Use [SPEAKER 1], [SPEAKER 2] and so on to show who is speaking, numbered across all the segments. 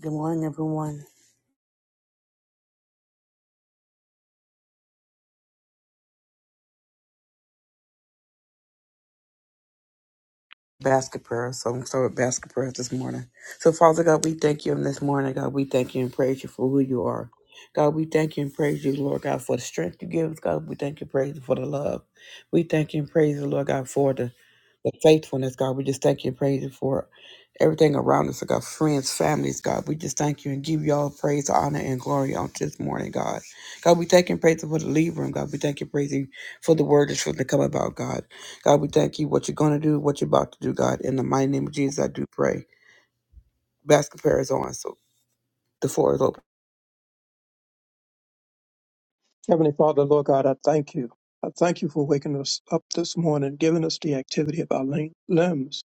[SPEAKER 1] Good morning, everyone. Basket prayer. So I'm going to start with basket prayers this morning. So, Father God, we thank you on this morning. God, we thank you and praise you for who you are. God, we thank you and praise you, Lord God, for the strength you give us. God, we thank you and praise you for the love. We thank you and praise you, Lord God, for the the faithfulness, God. We just thank you and praise you for everything around us, God. Friends, families, God. We just thank you and give you all praise, honor, and glory on this morning, God. God, we thank you and praise you for the lead room, God. We thank you and praise you for the word that's going to come about, God. God, we thank you what you're going to do, what you're about to do, God. In the mighty name of Jesus, I do pray. Basket prayer is on, so the floor is open.
[SPEAKER 2] Heavenly Father, Lord God, I thank you. I thank you for waking us up this morning, giving us the activity of our lim- limbs.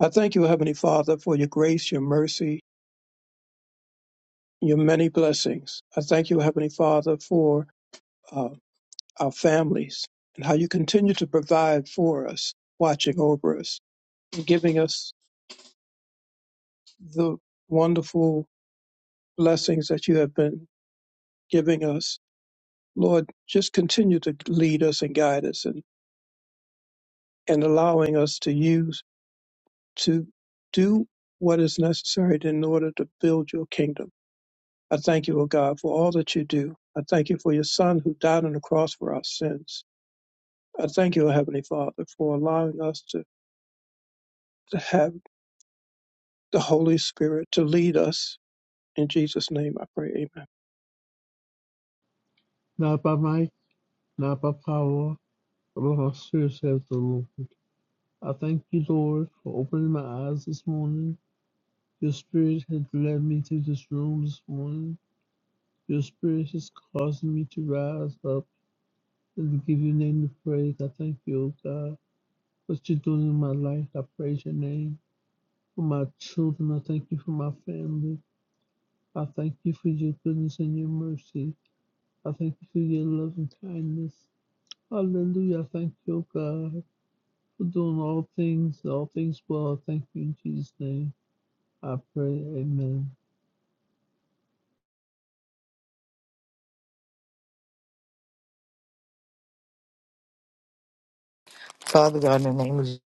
[SPEAKER 2] I thank you, Heavenly Father, for your grace, your mercy, your many blessings. I thank you, Heavenly Father, for uh, our families and how you continue to provide for us, watching over us, and giving us the wonderful blessings that you have been giving us. Lord, just continue to lead us and guide us and, and allowing us to use to do what is necessary in order to build your kingdom. I thank you, O God, for all that you do. I thank you for your Son who died on the cross for our sins. I thank you, O Heavenly Father, for allowing us to, to have the Holy Spirit to lead us. In Jesus' name I pray, amen.
[SPEAKER 3] Not by might, not by power, but by my spirit, saith the Lord. I thank you, Lord, for opening my eyes this morning. Your spirit has led me to this room this morning. Your spirit has caused me to rise up and to give your name the praise. I thank you, O God, for what you're doing in my life. I praise your name. For my children, I thank you for my family. I thank you for your goodness and your mercy. I thank you for your love and kindness. Hallelujah. I Thank you, O God. for doing all things, all things well. Thank you in Jesus' name. I pray, amen.
[SPEAKER 4] Father God, in the name of Jesus,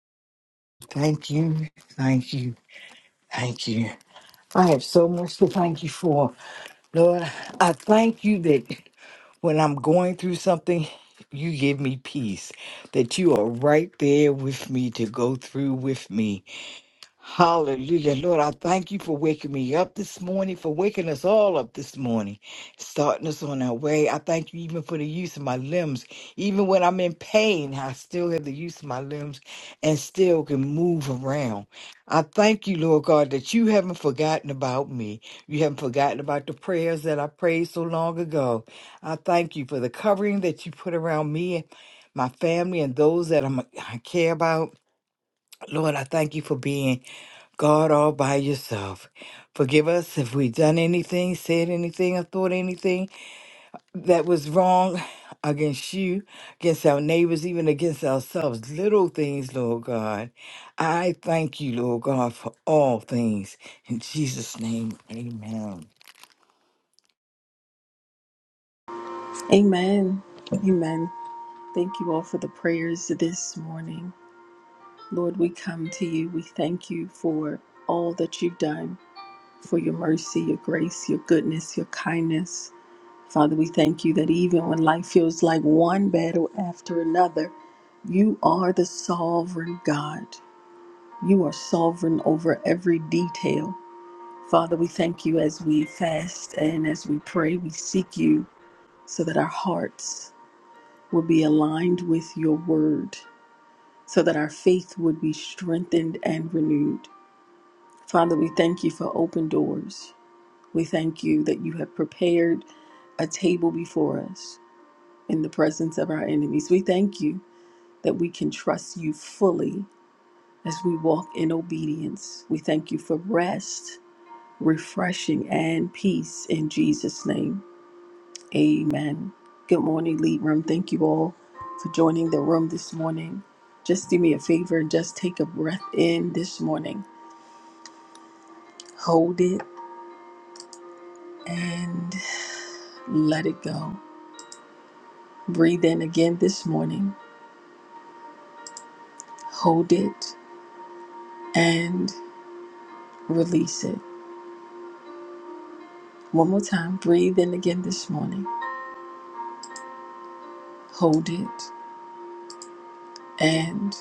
[SPEAKER 4] thank you, thank you, thank you. I have so much to thank you for. Lord, I thank you that when I'm going through something, you give me peace, that you are right there with me to go through with me. Hallelujah. Lord, I thank you for waking me up this morning, for waking us all up this morning, starting us on our way. I thank you even for the use of my limbs. Even when I'm in pain, I still have the use of my limbs and still can move around. I thank you, Lord God, that you haven't forgotten about me. You haven't forgotten about the prayers that I prayed so long ago. I thank you for the covering that you put around me, my family, and those that I'm, I care about. Lord, I thank you for being. God all by yourself. Forgive us if we've done anything, said anything, or thought anything that was wrong against you, against our neighbors, even against ourselves. Little things, Lord God. I thank you, Lord God, for all things. In Jesus' name, amen.
[SPEAKER 5] Amen. Amen. Thank you all for the prayers this morning. Lord, we come to you. We thank you for all that you've done, for your mercy, your grace, your goodness, your kindness. Father, we thank you that even when life feels like one battle after another, you are the sovereign God. You are sovereign over every detail. Father, we thank you as we fast and as we pray, we seek you so that our hearts would be aligned with your word so that our faith would be strengthened and renewed. Father, we thank you for open doors. We thank you that you have prepared a table before us in the presence of our enemies. We thank you that we can trust you fully as we walk in obedience. We thank you for rest, refreshing, and peace in Jesus' name. Amen. Good morning, Lead Room. Thank you all for joining the room this morning. Just do me a favor and just take a breath in this morning. Hold it and let it go. Breathe in again this morning. Hold it and release it. One more time. Breathe in again this morning. Hold it and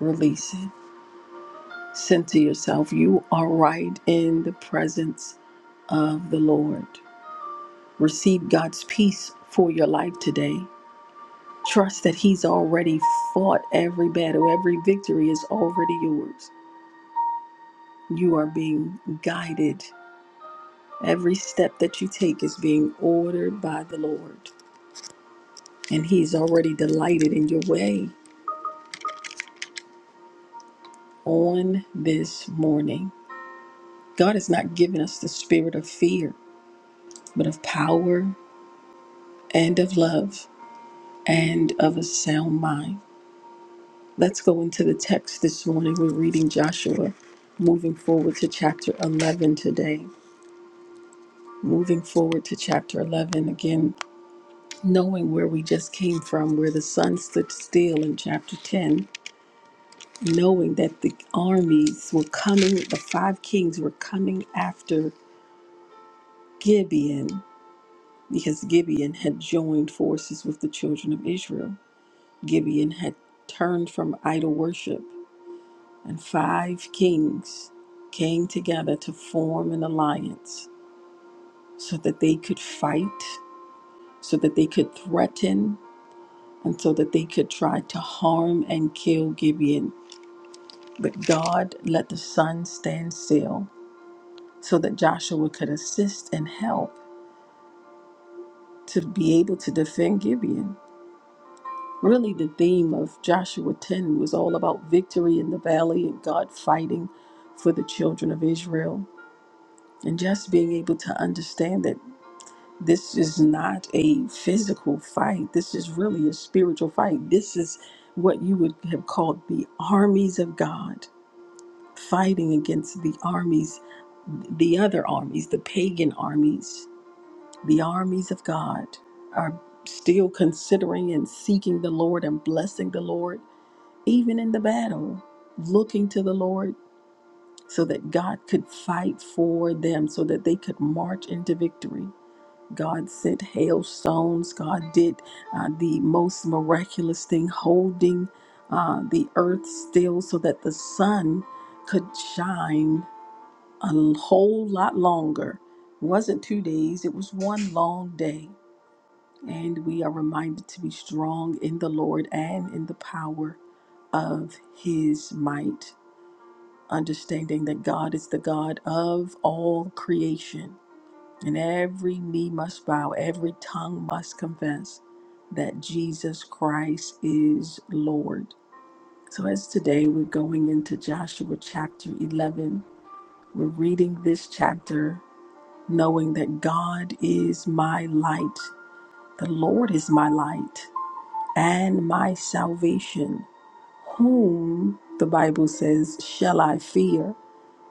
[SPEAKER 5] release it. Send to yourself, you are right in the presence of the Lord. Receive God's peace for your life today. Trust that He's already fought every battle, every victory is already yours. You are being guided. Every step that you take is being ordered by the Lord, and He's already delighted in your way on this morning. God has not given us the spirit of fear, but of power and of love and of a sound mind. Let's go into the text this morning. We're reading Joshua, moving forward to chapter 11 today. Moving forward to chapter 11 again, knowing where we just came from, where the sun stood still in chapter 10, knowing that the armies were coming, the five kings were coming after Gibeon because Gibeon had joined forces with the children of Israel. Gibeon had turned from idol worship and five kings came together to form an alliance so that they could fight, so that they could threaten, and so that they could try to harm and kill Gibeon. But God let the sun stand still so that Joshua could assist and help to be able to defend Gibeon. Really, the theme of Joshua 10 was all about victory in the valley and God fighting for the children of Israel and just being able to understand that. this is not a physical fight. This is really a spiritual fight. This is what you would have called the armies of God fighting against the armies, the other armies, the pagan armies. The armies of God are still considering and seeking the Lord and blessing the Lord, even in the battle, looking to the Lord so that God could fight for them, so that they could march into victory. God sent hailstones. God did uh, the most miraculous thing, holding uh, the earth still so that the sun could shine a l- whole lot longer. It wasn't two days, it was one long day. And we are reminded to be strong in the Lord and in the power of his might, understanding that God is the God of all creation and every knee must bow, every tongue must confess that Jesus Christ is Lord. So, as today we're going into Joshua chapter 11, we're reading this chapter knowing that God is my light, the Lord is my light and my salvation. Whom, the Bible says, shall I fear?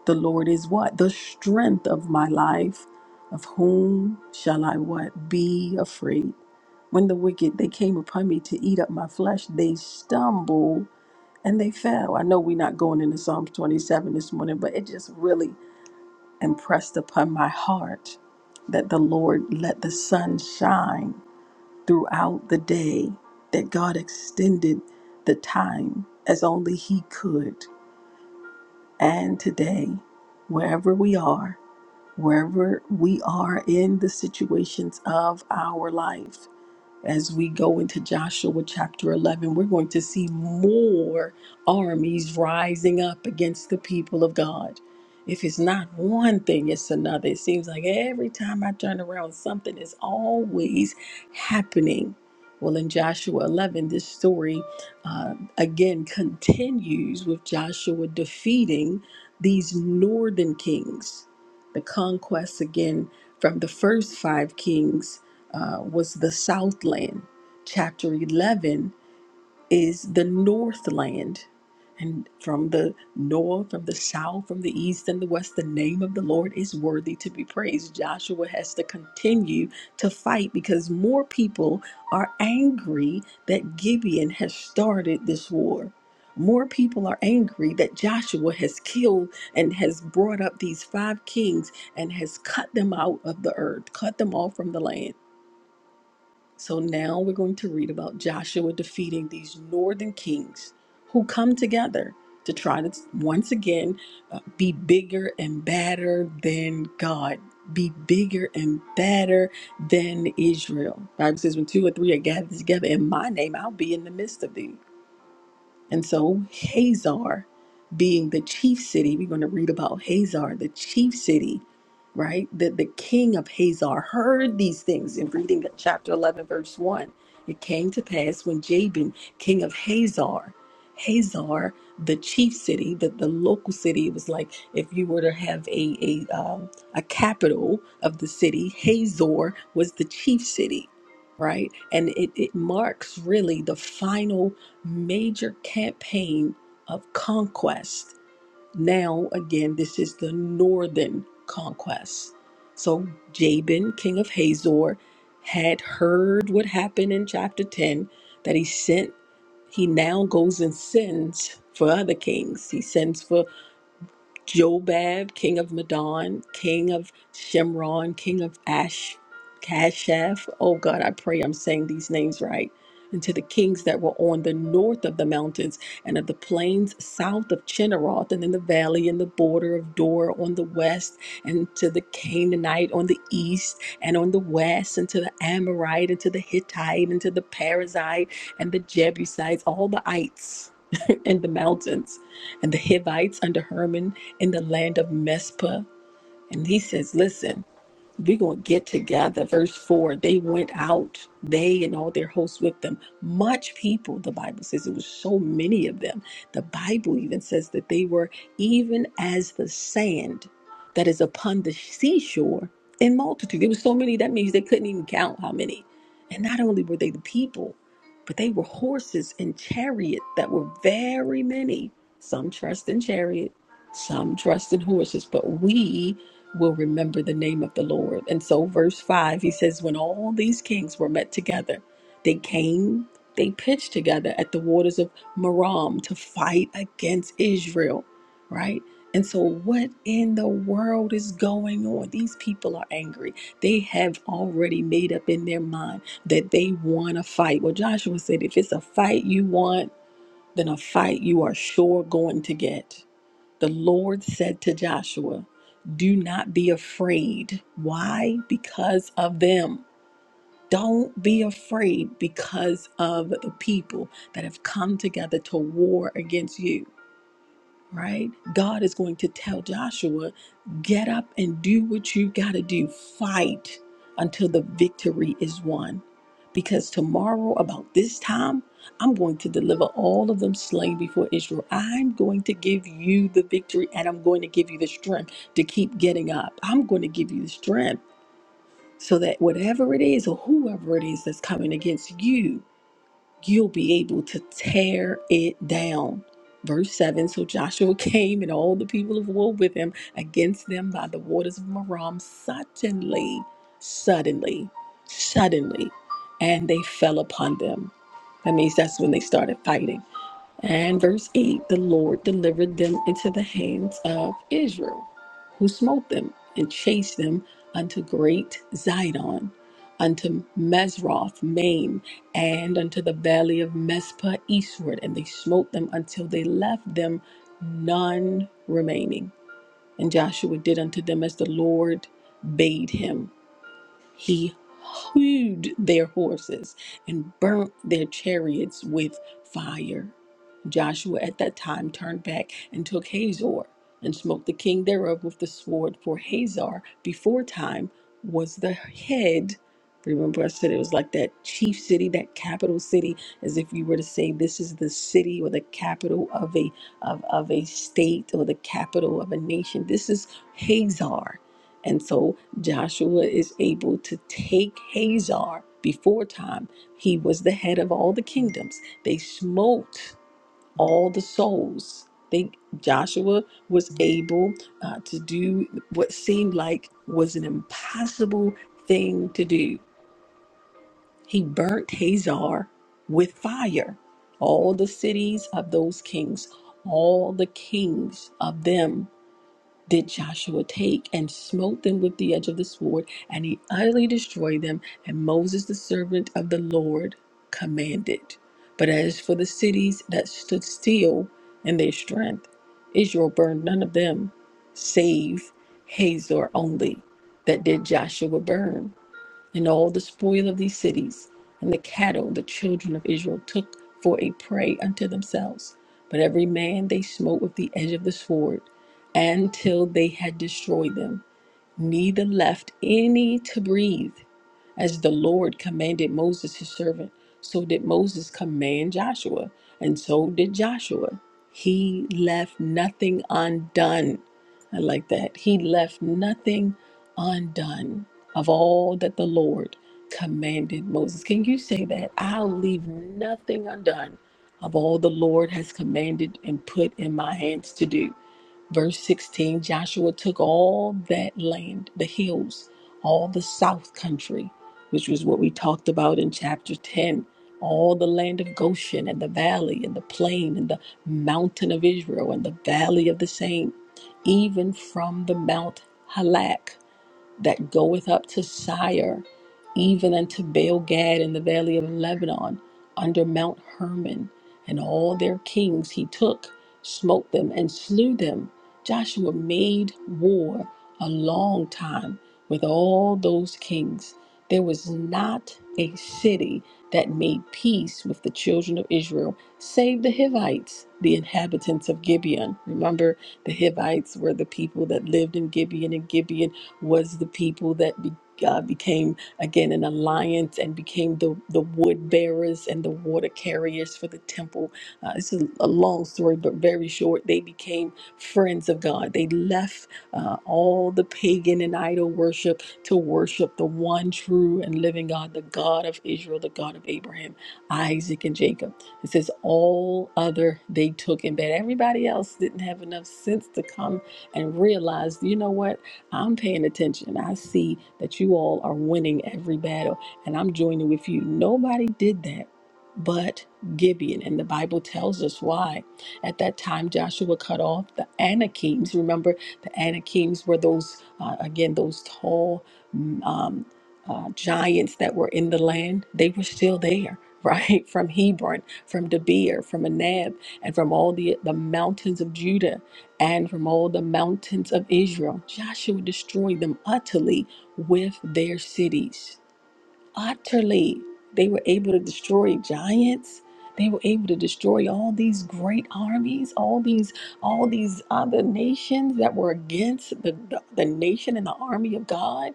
[SPEAKER 5] The Lord is what? The strength of my life. Of whom shall I what? Be afraid. When the wicked they came upon me to eat up my flesh, they stumbled and they fell. I know we're not going into Psalms 27 this morning, but it just really impressed upon my heart that the Lord let the sun shine throughout the day, that God extended the time as only He could. And today, wherever we are, wherever we are in the situations of our life as we go into Joshua chapter 11, we're going to see more armies rising up against the people of God. If it's not one thing, it's another. It seems like every time I turn around, something is always happening. Well, in Joshua 11, this story uh, again continues with Joshua defeating these northern kings. The conquests again from the first five kings uh, was the Southland. Chapter 11 is the Northland. And from the north, from the south, from the east, and the west, the name of the Lord is worthy to be praised. Joshua has to continue to fight because more people are angry that Gibeon has started this war. More people are angry that Joshua has killed and has brought up these five kings and has cut them out of the earth, cut them off from the land. So now we're going to read about Joshua defeating these northern kings who come together to try to once again uh, be bigger and badder than God. Be bigger and badder than Israel. Bible says, when two or three are gathered together in my name, I'll be in the midst of thee. And so Hazar being the chief city, we're going to read about Hazar, the chief city, right? The, the king of Hazar heard these things in reading chapter 11, verse 1. It came to pass when Jabin, king of Hazar, Hazar, the chief city, the, the local city, it was like if you were to have a, a, um, a capital of the city, Hazor was the chief city right? And it, it marks really the final major campaign of conquest. Now, again, this is the northern conquest. So, Jabin, king of Hazor, had heard what happened in chapter 10 that he sent, he now goes and sends for other kings. He sends for Jobab, king of Madon, king of Shimron, king of Ash, Kashaf. Oh God, I pray I'm saying these names right. And to the kings that were on the north of the mountains and of the plains south of Chinneroth and in the valley and the border of Dor on the west, and to the Canaanite on the east and on the west, and to the Amorite and to the Hittite and to the Perizzite and the Jebusites, all the ites in the mountains and the Hivites under Herman in the land of Mespah. And he says, Listen, we're going to get together. Verse 4 they went out, they and all their hosts with them. Much people, the Bible says it was so many of them. The Bible even says that they were even as the sand that is upon the seashore in multitude. There were so many, that means they couldn't even count how many. And not only were they the people, but they were horses and chariot that were very many. Some trust in chariot, some trust in horses, but we will remember the name of the Lord. And so, verse 5, he says, When all these kings were met together, they came, they pitched together at the waters of Merom to fight against Israel, right? And so, what in the world is going on? These people are angry. They have already made up in their mind that they want to fight. Well, Joshua said, if it's a fight you want, then a fight you are sure going to get the Lord said to Joshua, Do not be afraid. Why? Because of them. Don't be afraid because of the people that have come together to war against you right? God is going to tell Joshua, get up and do what you got to do. Fight until the victory is won. Because tomorrow, about this time, I'm going to deliver all of them slain before Israel. I'm going to give you the victory and I'm going to give you the strength to keep getting up. I'm going to give you the strength so that whatever it is or whoever it is that's coming against you, you'll be able to tear it down. Verse 7 So Joshua came and all the people of war with him against them by the waters of Merom, suddenly, suddenly, suddenly, and they fell upon them. That means that's when they started fighting and verse 8 the Lord delivered them into the hands of Israel, who smote them and chased them unto great Zidon, unto Mesroth, Maim, and unto the valley of Mespah eastward. And they smote them until they left them none remaining. And Joshua did unto them as the Lord bade him. He hewed their horses and burnt their chariots with fire. Joshua at that time turned back and took Hazor and smote the king thereof with the sword, for Hazor before time was the head. Remember, I said it was like that chief city, that capital city, as if you were to say this is the city or the capital of a of, of a state or the capital of a nation. This is Hazor. And so Joshua is able to take Hazar before time. He was the head of all the kingdoms. They smote all the souls. They, Joshua was able uh, to do what seemed like was an impossible thing to do. He burnt Hazar with fire. All the cities of those kings, all the kings of them did Joshua take and smote them with the edge of the sword, and he utterly destroyed them. And Moses, the servant of the Lord, commanded. But as for the cities that stood still in their strength, Israel burned none of them, save Hazor only, that did Joshua burn and all the spoil of these cities, and the cattle the children of Israel took for a prey unto themselves. But every man they smote with the edge of the sword, until they had destroyed them neither left any to breathe, as the Lord commanded Moses his servant. So did Moses command Joshua, and so did Joshua. He left nothing undone. I like that. He left nothing undone of all that the Lord commanded Moses. Can you say that? I'll leave nothing undone of all the Lord has commanded and put in my hands to do. Verse 16 Joshua took all that land, the hills, all the south country, which was what we talked about in chapter 10, all the land of Goshen and the valley and the plain and the mountain of Israel and the valley of the same, even from the Mount Halak that goeth up to Sire, even unto Baal Gad in the valley of Lebanon, under Mount Hermon, and all their kings he took, smote them, and slew them. Joshua made war a long time with all those kings. There was not a city that made peace with the children of Israel, save the Hivites, the inhabitants of Gibeon. Remember, the Hivites were the people that lived in Gibeon, and Gibeon was the people that be, uh, became again an alliance and became the, the wood bearers and the water carriers for the temple. Uh, it's a, a long story, but very short. They became friends of God. They left uh, all the pagan and idol worship to worship the one true and living God, the God of Israel, the God of Abraham, Isaac, and Jacob. It says all other they took in bed. Everybody else didn't have enough sense to come and realize, you know what? I'm paying attention. I see that you all are winning every battle, and I'm joining with you. Nobody did that but Gibeon, and the Bible tells us why. At that time, Joshua cut off the Anakims. Remember, the Anakims were those, uh, again, those tall mm, um, uh, giants that were in the land. They were still there, right? From Hebron, from Debir, from Anab, and from all the, the mountains of Judah and from all the mountains of Israel. Joshua destroyed them utterly with their cities. Utterly. They were able to destroy giants. They were able to destroy all these great armies, all these, all these other nations that were against the, the, the nation and the army of God.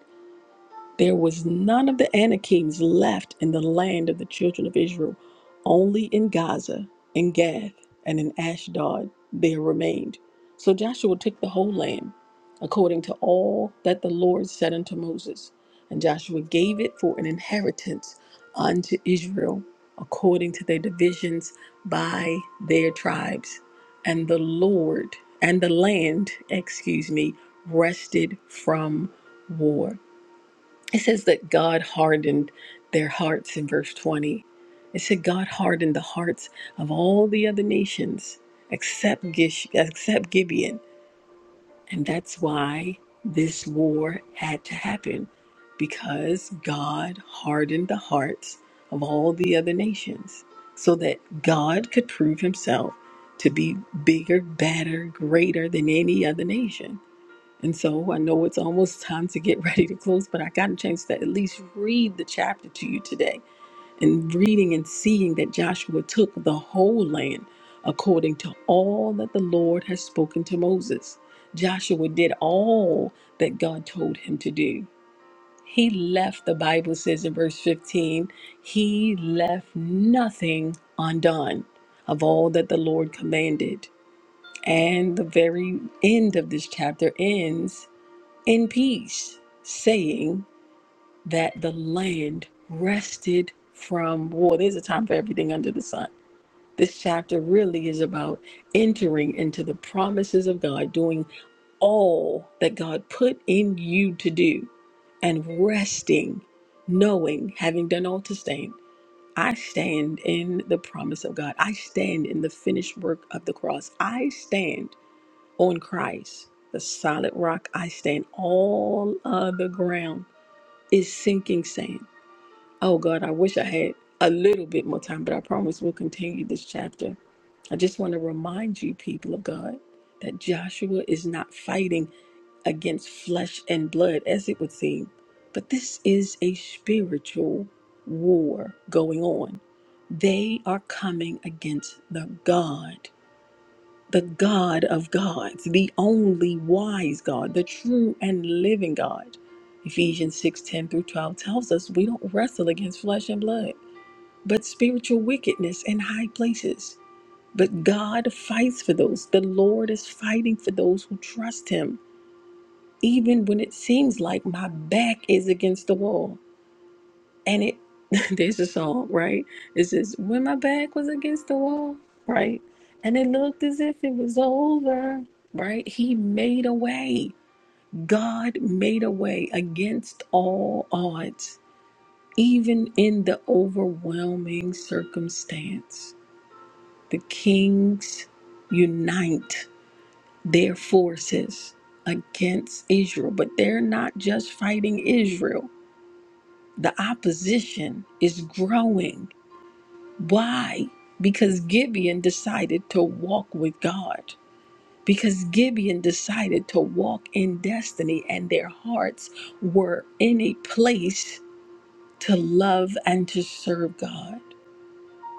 [SPEAKER 5] There was none of the Anakims left in the land of the children of Israel. Only in Gaza, in Gath, and in Ashdod there remained. So Joshua took the whole land, according to all that the Lord said unto Moses. And Joshua gave it for an inheritance unto Israel, according to their divisions by their tribes. And the Lord, and the land, excuse me, rested from war. It says that God hardened their hearts in verse 20. It said God hardened the hearts of all the other nations except Gish, except Gibeon. And that's why this war had to happen because God hardened the hearts of all the other nations so that God could prove himself to be bigger, better, greater than any other nation. And so I know it's almost time to get ready to close, but I got a chance to at least read the chapter to you today. And reading and seeing that Joshua took the whole land according to all that the Lord has spoken to Moses. Joshua did all that God told him to do. He left, the Bible says in verse 15, he left nothing undone of all that the Lord commanded. And the very end of this chapter ends in peace, saying that the land rested from war. There's a time for everything under the sun. This chapter really is about entering into the promises of God, doing all that God put in you to do, and resting, knowing, having done all to stand. I stand in the promise of God. I stand in the finished work of the cross. I stand on Christ, the solid rock I stand. All other ground is sinking sand. Oh God, I wish I had a little bit more time, but I promise we'll continue this chapter. I just want to remind you, people of God, that Joshua is not fighting against flesh and blood as it would seem, but this is a spiritual war going on. They are coming against the God the God of gods, the only wise God, the true and living God. Ephesians 6 10 through 12 tells us we don't wrestle against flesh and blood, but spiritual wickedness in high places. But God fights for those. The Lord is fighting for those who trust Him, even when it seems like my back is against the wall. And it, there's a song, right? It says, When my back was against the wall, right? And it looked as if it was over, right? He made a way. God made a way against all odds, even in the overwhelming circumstance. The kings unite their forces against Israel, but they're not just fighting Israel, the opposition is growing Why? Because Gibeon decided to walk with God. Because Gibeon decided to walk in destiny, and their hearts were in a place to love and to serve God.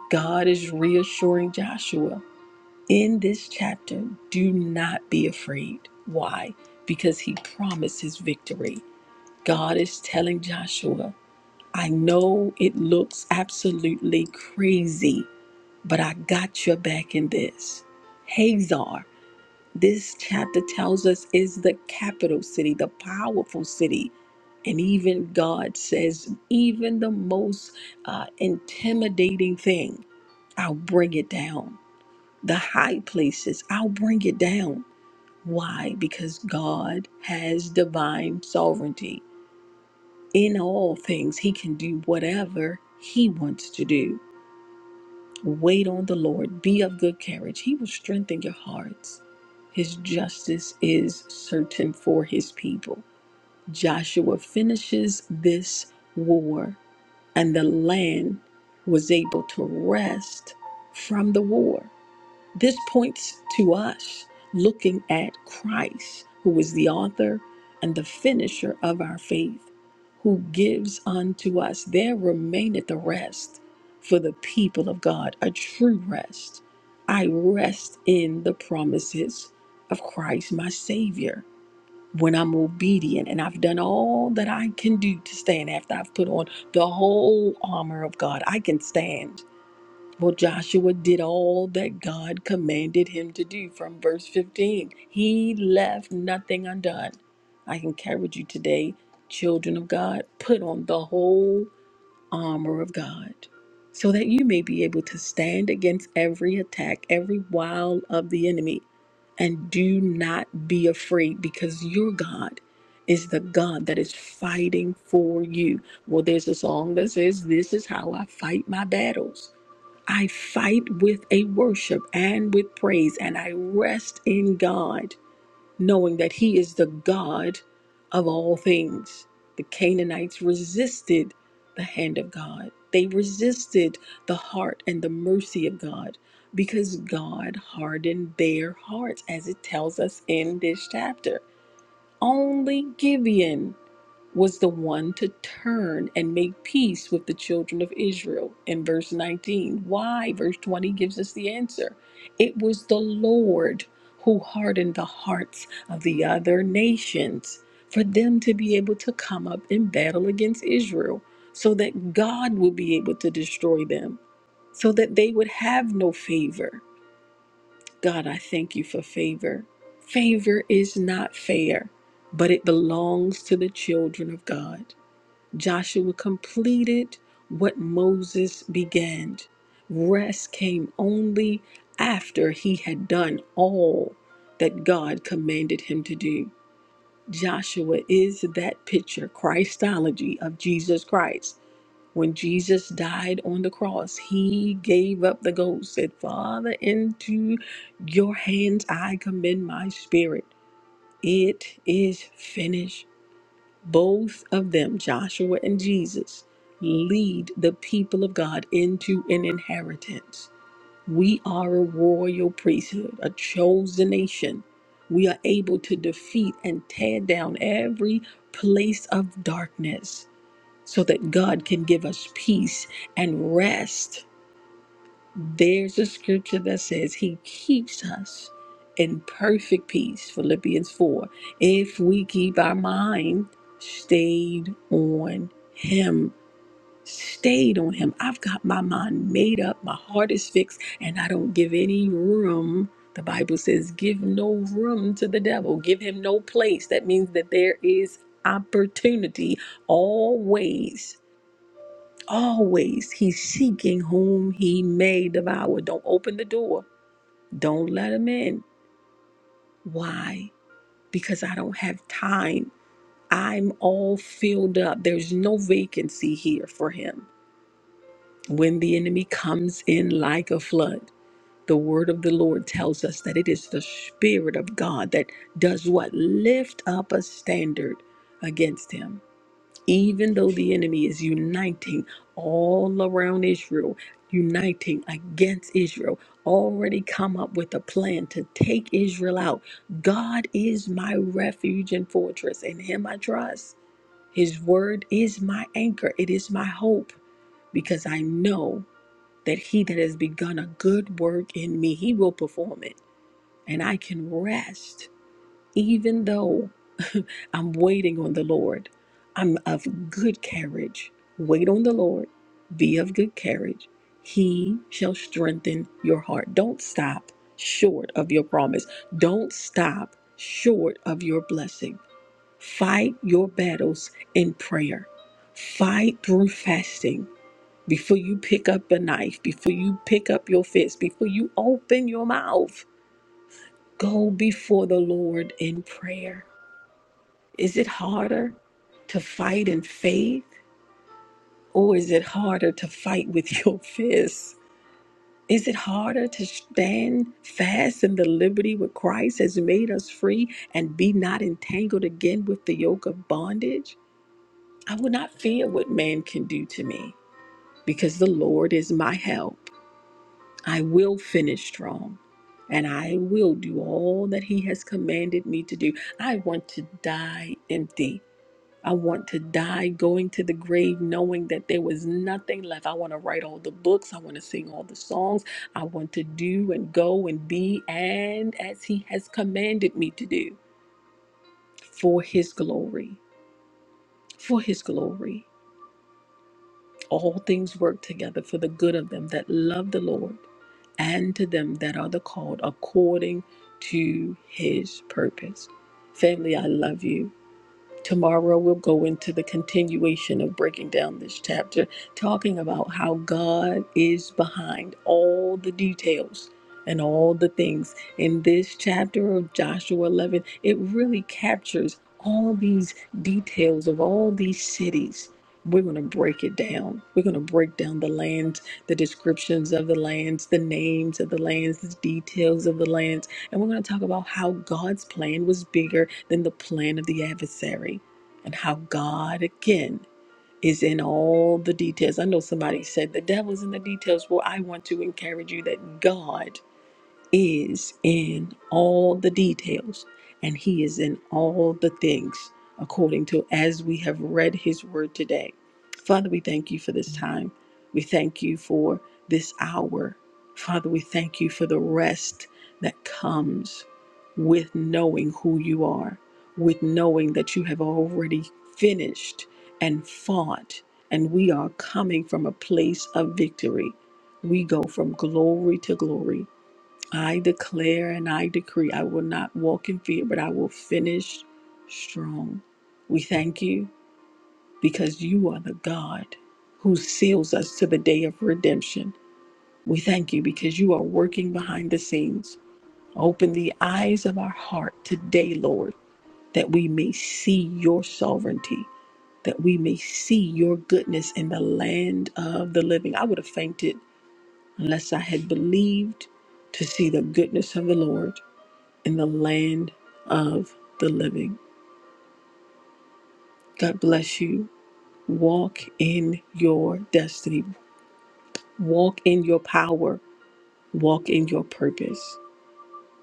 [SPEAKER 5] God is reassuring Joshua in this chapter do not be afraid. Why? Because he promised his victory. God is telling Joshua, I know it looks absolutely crazy but I got your back in this. Hazar, this chapter tells us, is the capital city, the powerful city. And even God says, even the most uh, intimidating thing, I'll bring it down. The high places, I'll bring it down. Why? Because God has divine sovereignty. In all things, He can do whatever He wants to do. Wait on the Lord. Be of good courage. He will strengthen your hearts. His justice is certain for his people. Joshua finishes this war, and the land was able to rest from the war. This points to us looking at Christ, who is the author and the finisher of our faith, who gives unto us. There remaineth the rest for the people of God, a true rest. I rest in the promises of Christ, my Savior. When I'm obedient and I've done all that I can do to stand after I've put on the whole armor of God, I can stand well, Joshua did all that God commanded him to do from verse 15. He left nothing undone. I encourage you today, children of God, put on the whole armor of God so that you may be able to stand against every attack, every wile of the enemy. And do not be afraid because your God is the God that is fighting for you. Well, there's a song that says, This is how I fight my battles. I fight with a worship and with praise, and I rest in God, knowing that He is the God of all things. The Canaanites resisted the hand of God, they resisted the heart and the mercy of God because God hardened their hearts, as it tells us in this chapter. Only Gibeon was the one to turn and make peace with the children of Israel in verse 19. Why? Verse 20 gives us the answer. It was the Lord who hardened the hearts of the other nations for them to be able to come up in battle against Israel so that God would be able to destroy them, so that they would have no favor. God, I thank you for favor. Favor is not fair, but it belongs to the children of God. Joshua completed what Moses began. Rest came only after he had done all that God commanded him to do. Joshua is that picture, Christology of Jesus Christ. When Jesus died on the cross, he gave up the ghost, said, Father, into your hands I commend my spirit. It is finished. Both of them, Joshua and Jesus, lead the people of God into an inheritance. We are a royal priesthood, a chosen nation. We are able to defeat and tear down every place of darkness so that God can give us peace and rest there's a scripture that says he keeps us in perfect peace, Philippians 4, if we keep our mind stayed on him. Stayed on him. I've got my mind made up, my heart is fixed, and I don't give any room. The Bible says, give no room to the devil, give him no place. That means that there is opportunity always Always he's seeking whom he may devour. Don't open the door. Don't let him in. Why? Because I don't have time. I'm all filled up. There's no vacancy here for him. When the enemy comes in like a flood, the word of the Lord tells us that it is the Spirit of God that does what? Lift up a standard against him. even though the enemy is uniting all around Israel, uniting against Israel, already come up with a plan to take Israel out. God is my refuge and fortress, in Him I trust. His word is my anchor, it is my hope, because I know that He that has begun a good work in me, He will perform it, and I can rest. Even though I'm waiting on the Lord, I'm of good carriage. Wait on the Lord, be of good carriage. He shall strengthen your heart. Don't stop short of your promise, don't stop short of your blessing. Fight your battles in prayer, fight through fasting. Before you pick up a knife, before you pick up your fist, before you open your mouth, go before the Lord in prayer is it harder to fight in faith or is it harder to fight with your fists? Is it harder to stand fast in the liberty which Christ has made us free and be not entangled again with the yoke of bondage? I will not fear what man can do to me because the Lord is my help. I will finish strong and I will do all that he has commanded me to do. I want to die empty. I want to die going to the grave knowing that there was nothing left. I want to write all the books. I want to sing all the songs. I want to do and go and be and as He has commanded me to do for His glory. For His glory. All things work together for the good of them that love the Lord and to them that are the called according to His purpose. Family, I love you. Tomorrow we'll go into the continuation of breaking down this chapter, talking about how God is behind all the details and all the things. In this chapter of Joshua 11, it really captures all these details of all these cities. We're going to break it down. We're going to break down the lands, the descriptions of the lands, the names of the lands, the details of the lands. And we're going to talk about how God's plan was bigger than the plan of the adversary and how God again is in all the details. I know somebody said the devil's in the details. Well, I want to encourage you that God is in all the details and he is in all the things according to as we have read his word today. Father, we thank you for this time. We thank you for this hour. Father, we thank you for the rest that comes with knowing who you are, with knowing that you have already finished and fought, and we are coming from a place of victory. We go from glory to glory I declare and I decree I will not walk in fear, but I will finish strong. We thank you because you are the God who seals us to the day of redemption. We thank you because you are working behind the scenes. Open the eyes of our heart today, Lord, that we may see your sovereignty, that we may see your goodness in the land of the living. I would have fainted unless I had believed to see the goodness of the Lord in the land of the living. God bless you. Walk in your destiny, walk in your power, walk in your purpose.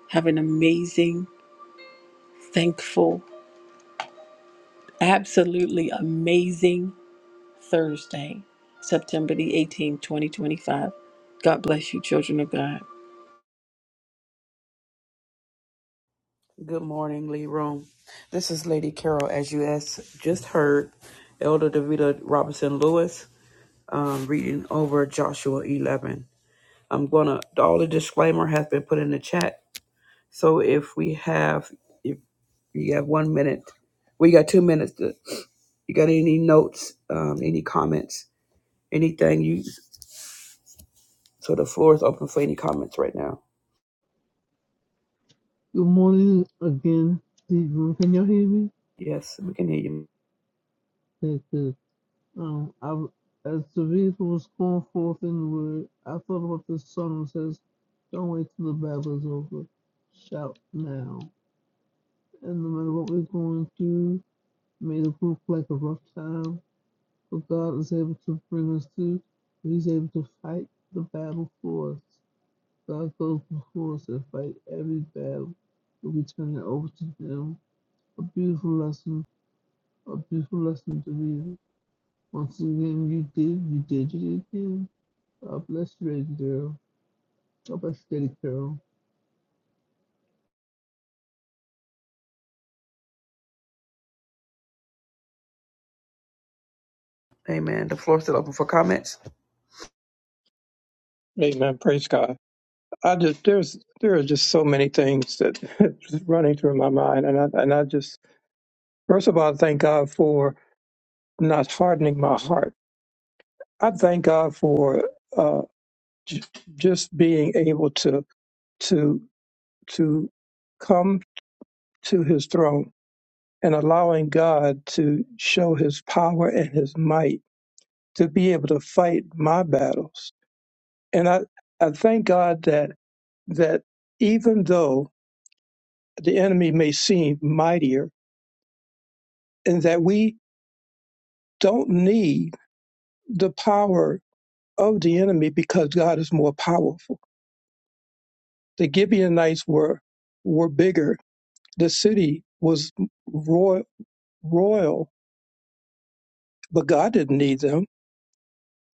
[SPEAKER 5] Have an amazing, thankful, absolutely amazing Thursday, September the 18th, 2025. God bless you, children of God.
[SPEAKER 1] Good morning, Lee Room. This is Lady Carol, as you as just heard, Elder Davita Robinson Lewis um, reading over Joshua 11. I'm gonna all the disclaimer has been put in the chat. So if we have if you have one minute, we got two minutes. To, you got any notes, um, any comments, anything you so the floor is open for any comments right now.
[SPEAKER 3] Good morning again, Deidre. Can you hear me?
[SPEAKER 1] Yes, we can hear you.
[SPEAKER 3] That's good. Um, I, as the vehicle was going forth in the word, I thought about this song that says, Don't wait till the battle is over. Shout now. And no matter what we're going through, may it look like a rough time, but God is able to bring us through. He's able to fight the battle for us. God goes before us to fight every battle, and we turn it over to Him. A beautiful lesson, a beautiful lesson to read. Once again, you did, you did, you did again. God bless you, Lady Carol. God bless you, Lady Carol.
[SPEAKER 1] Amen. The floor is still open for comments.
[SPEAKER 2] Amen. Praise God. I just there's there are just so many things that just running through my mind. And I and I just first of all I thank God for not hardening my heart. I thank God for j- just being able to to to come to his throne and allowing God to show his power and his might to be able to fight my battles. And I, I thank God that that even though the enemy may seem mightier and that we don't need the power of the enemy because God is more powerful. The Gibeonites were were bigger. The city was royal, but God didn't need them.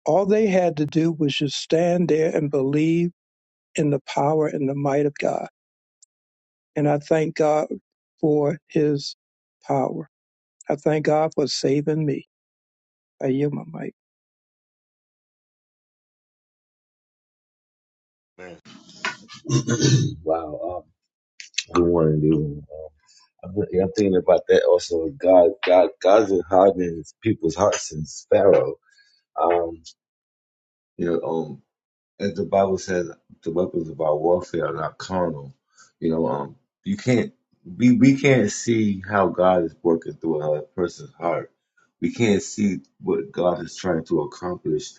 [SPEAKER 2] All they had to do was just stand there and believe in the power and the might of God. And I thank God for his power. I thank God for saving me. I yield my mic.
[SPEAKER 6] Man. Wow. Um, good morning, dude. Um, I've been, yeah, I'm thinking about that also. God, God, God's been hardening people's hearts since Pharaoh. Um, you know, um, as the Bible says, the weapons of our warfare are not carnal. You know, um, you can't, we, we can't see how God is working through a person's heart. We can't see what God is trying to accomplish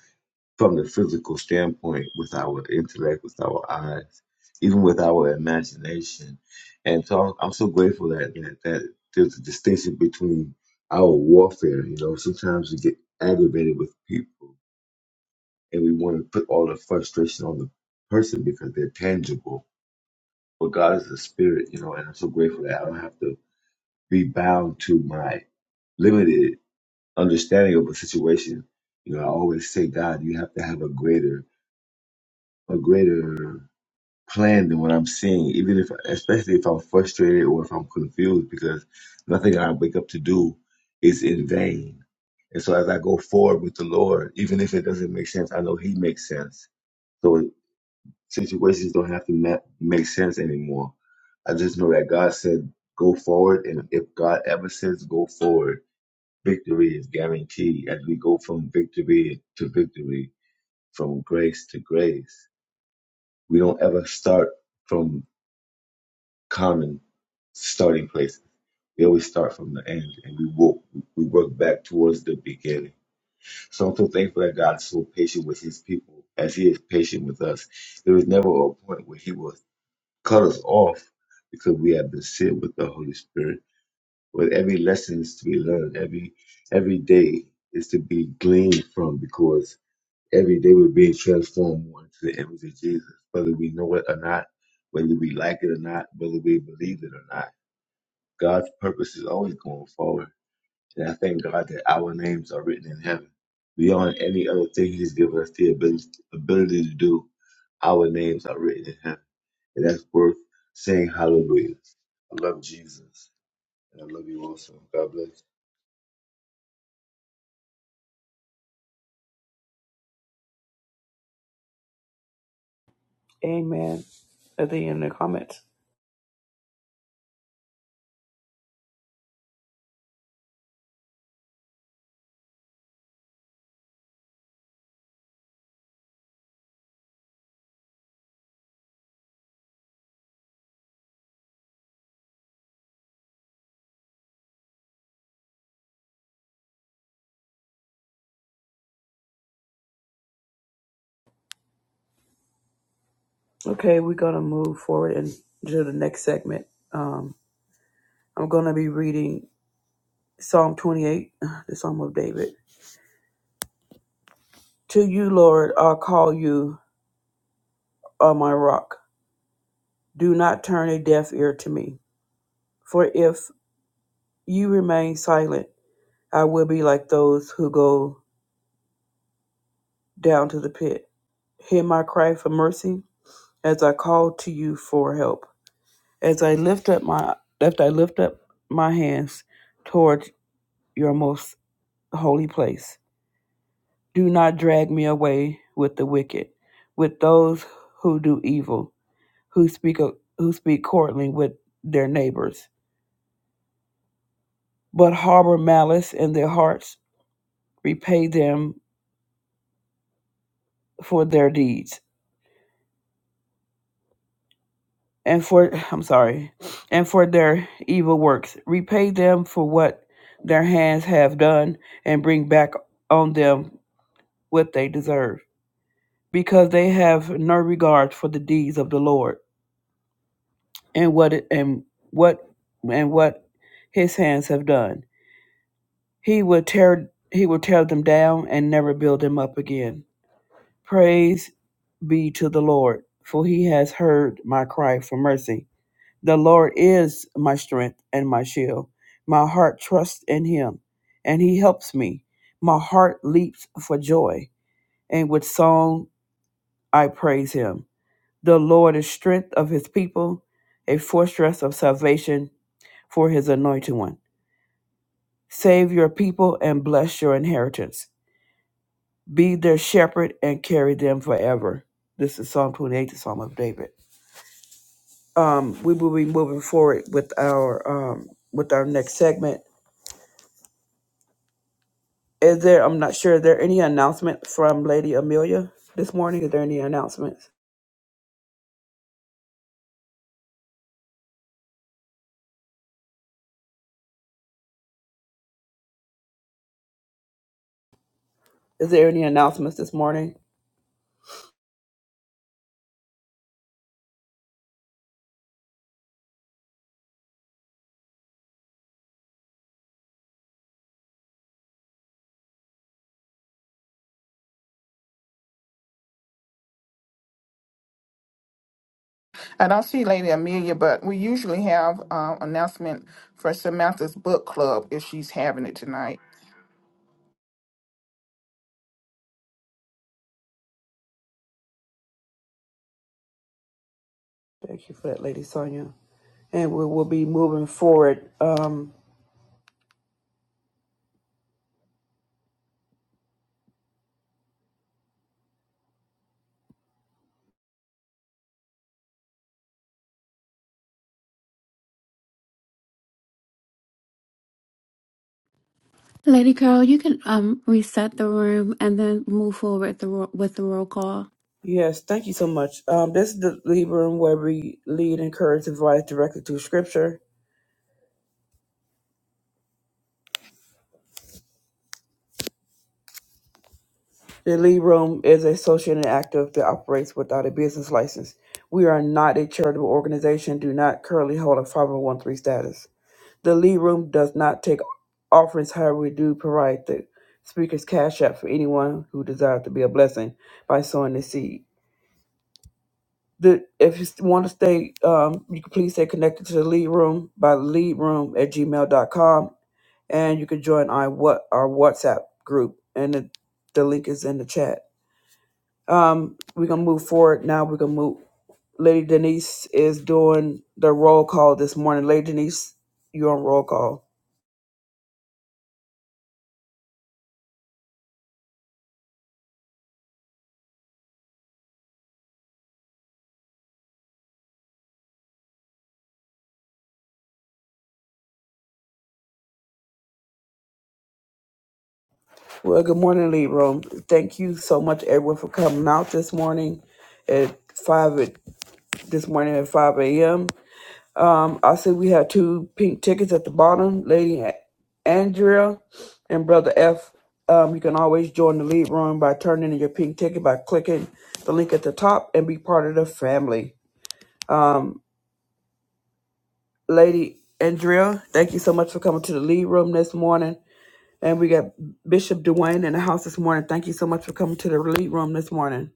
[SPEAKER 6] from the physical standpoint with our intellect, with our eyes, even with our imagination. And so I'm I'm so grateful that, that, that there's a distinction between our warfare. You know, sometimes we get aggravated with people and we want to put all the frustration on the person because they're tangible. But God is a spirit, you know, and I'm so grateful that I don't have to be bound to my limited understanding of a situation. You know, I always say, God, you have to have a greater, a greater plan than what I'm seeing, even if, especially if I'm frustrated or if I'm confused, because nothing I wake up to do is in vain. And so as I go forward with the Lord, even if it doesn't make sense, I know He makes sense. So situations don't have to ma- make sense anymore. I just know that God said, go forward. And if God ever says, go forward, victory is guaranteed. As we go from victory to victory, from grace to grace, we don't ever start from common starting places. We always start from the end and we work, we work back towards the beginning. So I'm so thankful that God is so patient with his people as he is patient with us. There was never a point where he will cut us off because we have been sealed with the Holy Spirit. With every lesson is to be learned, every every day is to be gleaned from because every day we're being transformed more into the image of Jesus, whether we know it or not, whether we like it or not, whether we believe it or not God's purpose is always going forward. And I thank God that our names are written in heaven. Beyond any other thing He's given us the ability, ability to do, our names are written in heaven. And that's worth saying hallelujah. I love Jesus. And I love you also. God bless. you.
[SPEAKER 1] Amen. At the end of the comments. Okay, we're gonna move forward and to the next segment. Um, I'm gonna be reading Psalm 28, the Psalm of David. To you, Lord, I'll call you. O my rock, do not turn a deaf ear to me. For if you remain silent, I will be like those who go down to the pit. Hear my cry for mercy as I call to you for help. As I lift up my left I lift up my hands towards your most holy place. Do not drag me away with the wicked, with those who do evil, who speak who speak courtly with their neighbors but harbor malice in their hearts, repay them for their deeds and for I'm sorry, and for their evil works. Repay them for what their hands have done and bring back on them what they deserve, because they have no regard for the deeds of the Lord and what it, and what and what his hands have done. He will tear he will tear them down and never build them up again. Praise be to the Lord, for he has heard my cry for mercy. The Lord is my strength and my shield. My heart trusts in him, and he helps me. My heart leaps for joy, and with song I praise him. The Lord is strength of his people, a fortress of salvation for his anointed one. Save your people and bless your inheritance. Be their shepherd and carry them forever. This is Psalm 28, the Psalm of David. um, we will be moving forward with our um, with our next segment. Is there? I'm not sure. Is there any announcement from Lady Amelia this morning? Is there any announcements? Is there any announcements this morning?
[SPEAKER 7] And I see Lady Amelia, but we usually have uh, announcement for Samantha's book club if she's having it tonight.
[SPEAKER 1] Thank you for that, Lady Sonia. And we will be moving forward. Um,
[SPEAKER 8] Lady Carol, you can um reset the room and then move forward with the ro- with the roll call.
[SPEAKER 1] yes, thank you so much. Um, this is the Libra room where we lead, encourage, advise directly through Scripture. The lead room is a social interactive that operates without a business license. We are not a charitable organization, do not currently hold a 501c status. The lead room does not take offerings, however, we do provide the speaker's cash app for anyone who desires to be a blessing by sowing the seed. The, if you want to stay, um, you can please stay connected to the lead room by leadroom at gmail dot com, and you can join our, what, our WhatsApp group and the, the link is in the chat. Um, we're gonna move forward now. We're gonna move. Lady Denise is doing the roll call this morning. Lady Denise, you're on roll call. Well, good morning, Lead Room. Thank you so much, everyone, for coming out this morning at five at, this morning at five a.m. Um, I see we have two pink tickets at the bottom, Lady A- Andrea and Brother F. Um, you can always join the lead room by turning in your pink ticket by clicking the link at the top and be part of the family. Lady Andrea, thank you so much for coming to the lead room this morning. And we got Bishop Dwayne in the house this morning. Thank you so much for coming to the lead room this morning.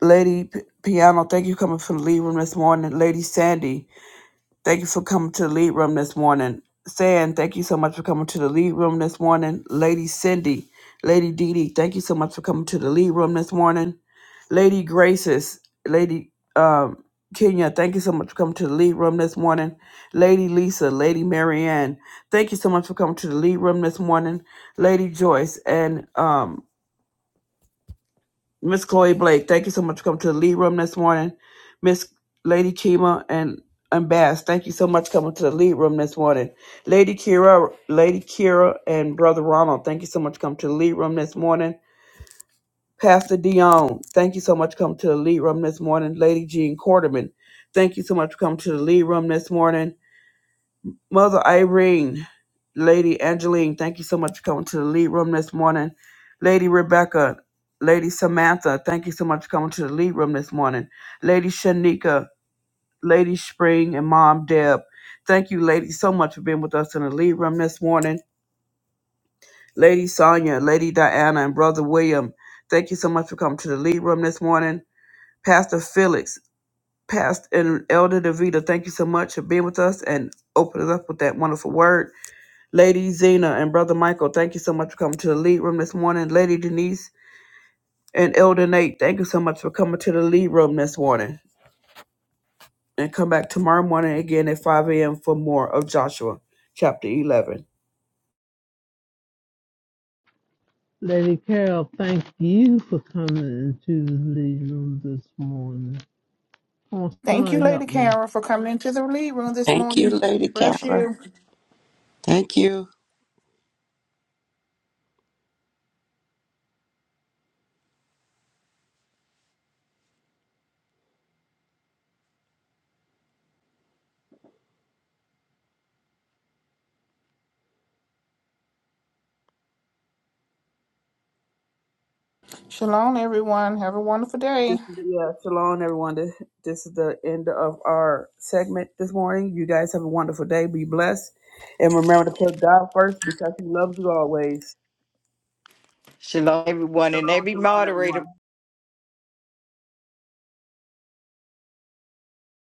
[SPEAKER 1] Lady P- Piano, thank you for coming from the lead room this morning. Lady Sandy, Thank you for coming to the lead room this morning. San, thank you so much for coming to the lead room this morning. Lady Cindy, Lady Dee Dee, thank you so much for coming to the lead room this morning. Lady Graces, Lady um, Kenya, thank you so much for coming to the lead room this morning. Lady Lisa, Lady Marianne, thank you so much for coming to the lead room this morning. Lady Joyce and um, Miss Chloe Blake, thank you so much for coming to the lead room this morning. Miss Lady Chima and and Bass, thank you so much for coming to the lead room this morning. Lady Kira, Lady Kira and Brother Ronald, thank you so much for coming to the lead room this morning. Pastor Dion, thank you so much for coming to the lead room this morning. Lady Jean Quarterman, thank you so much for coming to the lead room this morning. Mother Irene, Lady Angeline, thank you so much for coming to the lead room this morning. Lady Rebecca, Lady Samantha, thank you so much for coming to the lead room this morning. Lady Shanika, Lady Spring, and Mom Deb, thank you, ladies, so much for being with us in the lead room this morning. Lady Sonia, Lady Diana, and Brother William, thank you so much for coming to the lead room this morning. Pastor Felix, Pastor and Elder Davita, thank you so much for being with us and opening up with that wonderful word. Lady Zena and Brother Michael, thank you so much for coming to the lead room this morning. Lady Denise and Elder Nate, thank you so much for coming to the lead room this morning. And come back tomorrow morning again at 5 a.m. for more of Joshua chapter 11.
[SPEAKER 3] Lady Carol, thank you for coming into the lead room this morning. Oh,
[SPEAKER 7] Thank
[SPEAKER 3] somebody
[SPEAKER 7] you,
[SPEAKER 3] help
[SPEAKER 7] Lady
[SPEAKER 3] me.
[SPEAKER 7] Kara, for coming into the lead room this
[SPEAKER 9] Thank you,
[SPEAKER 7] morning.
[SPEAKER 9] Lady
[SPEAKER 7] Bless
[SPEAKER 9] Kara.
[SPEAKER 7] you.
[SPEAKER 9] Thank you.
[SPEAKER 7] Shalom, everyone. Have a wonderful day.
[SPEAKER 1] This is, yeah, shalom, everyone. This, this is the end of our segment this morning. You guys have a wonderful day. Be blessed. And remember to put God first because He loves you always.
[SPEAKER 4] Shalom, everyone, and
[SPEAKER 1] Shalom,
[SPEAKER 4] every
[SPEAKER 1] shalom,
[SPEAKER 4] moderator.
[SPEAKER 1] everyone.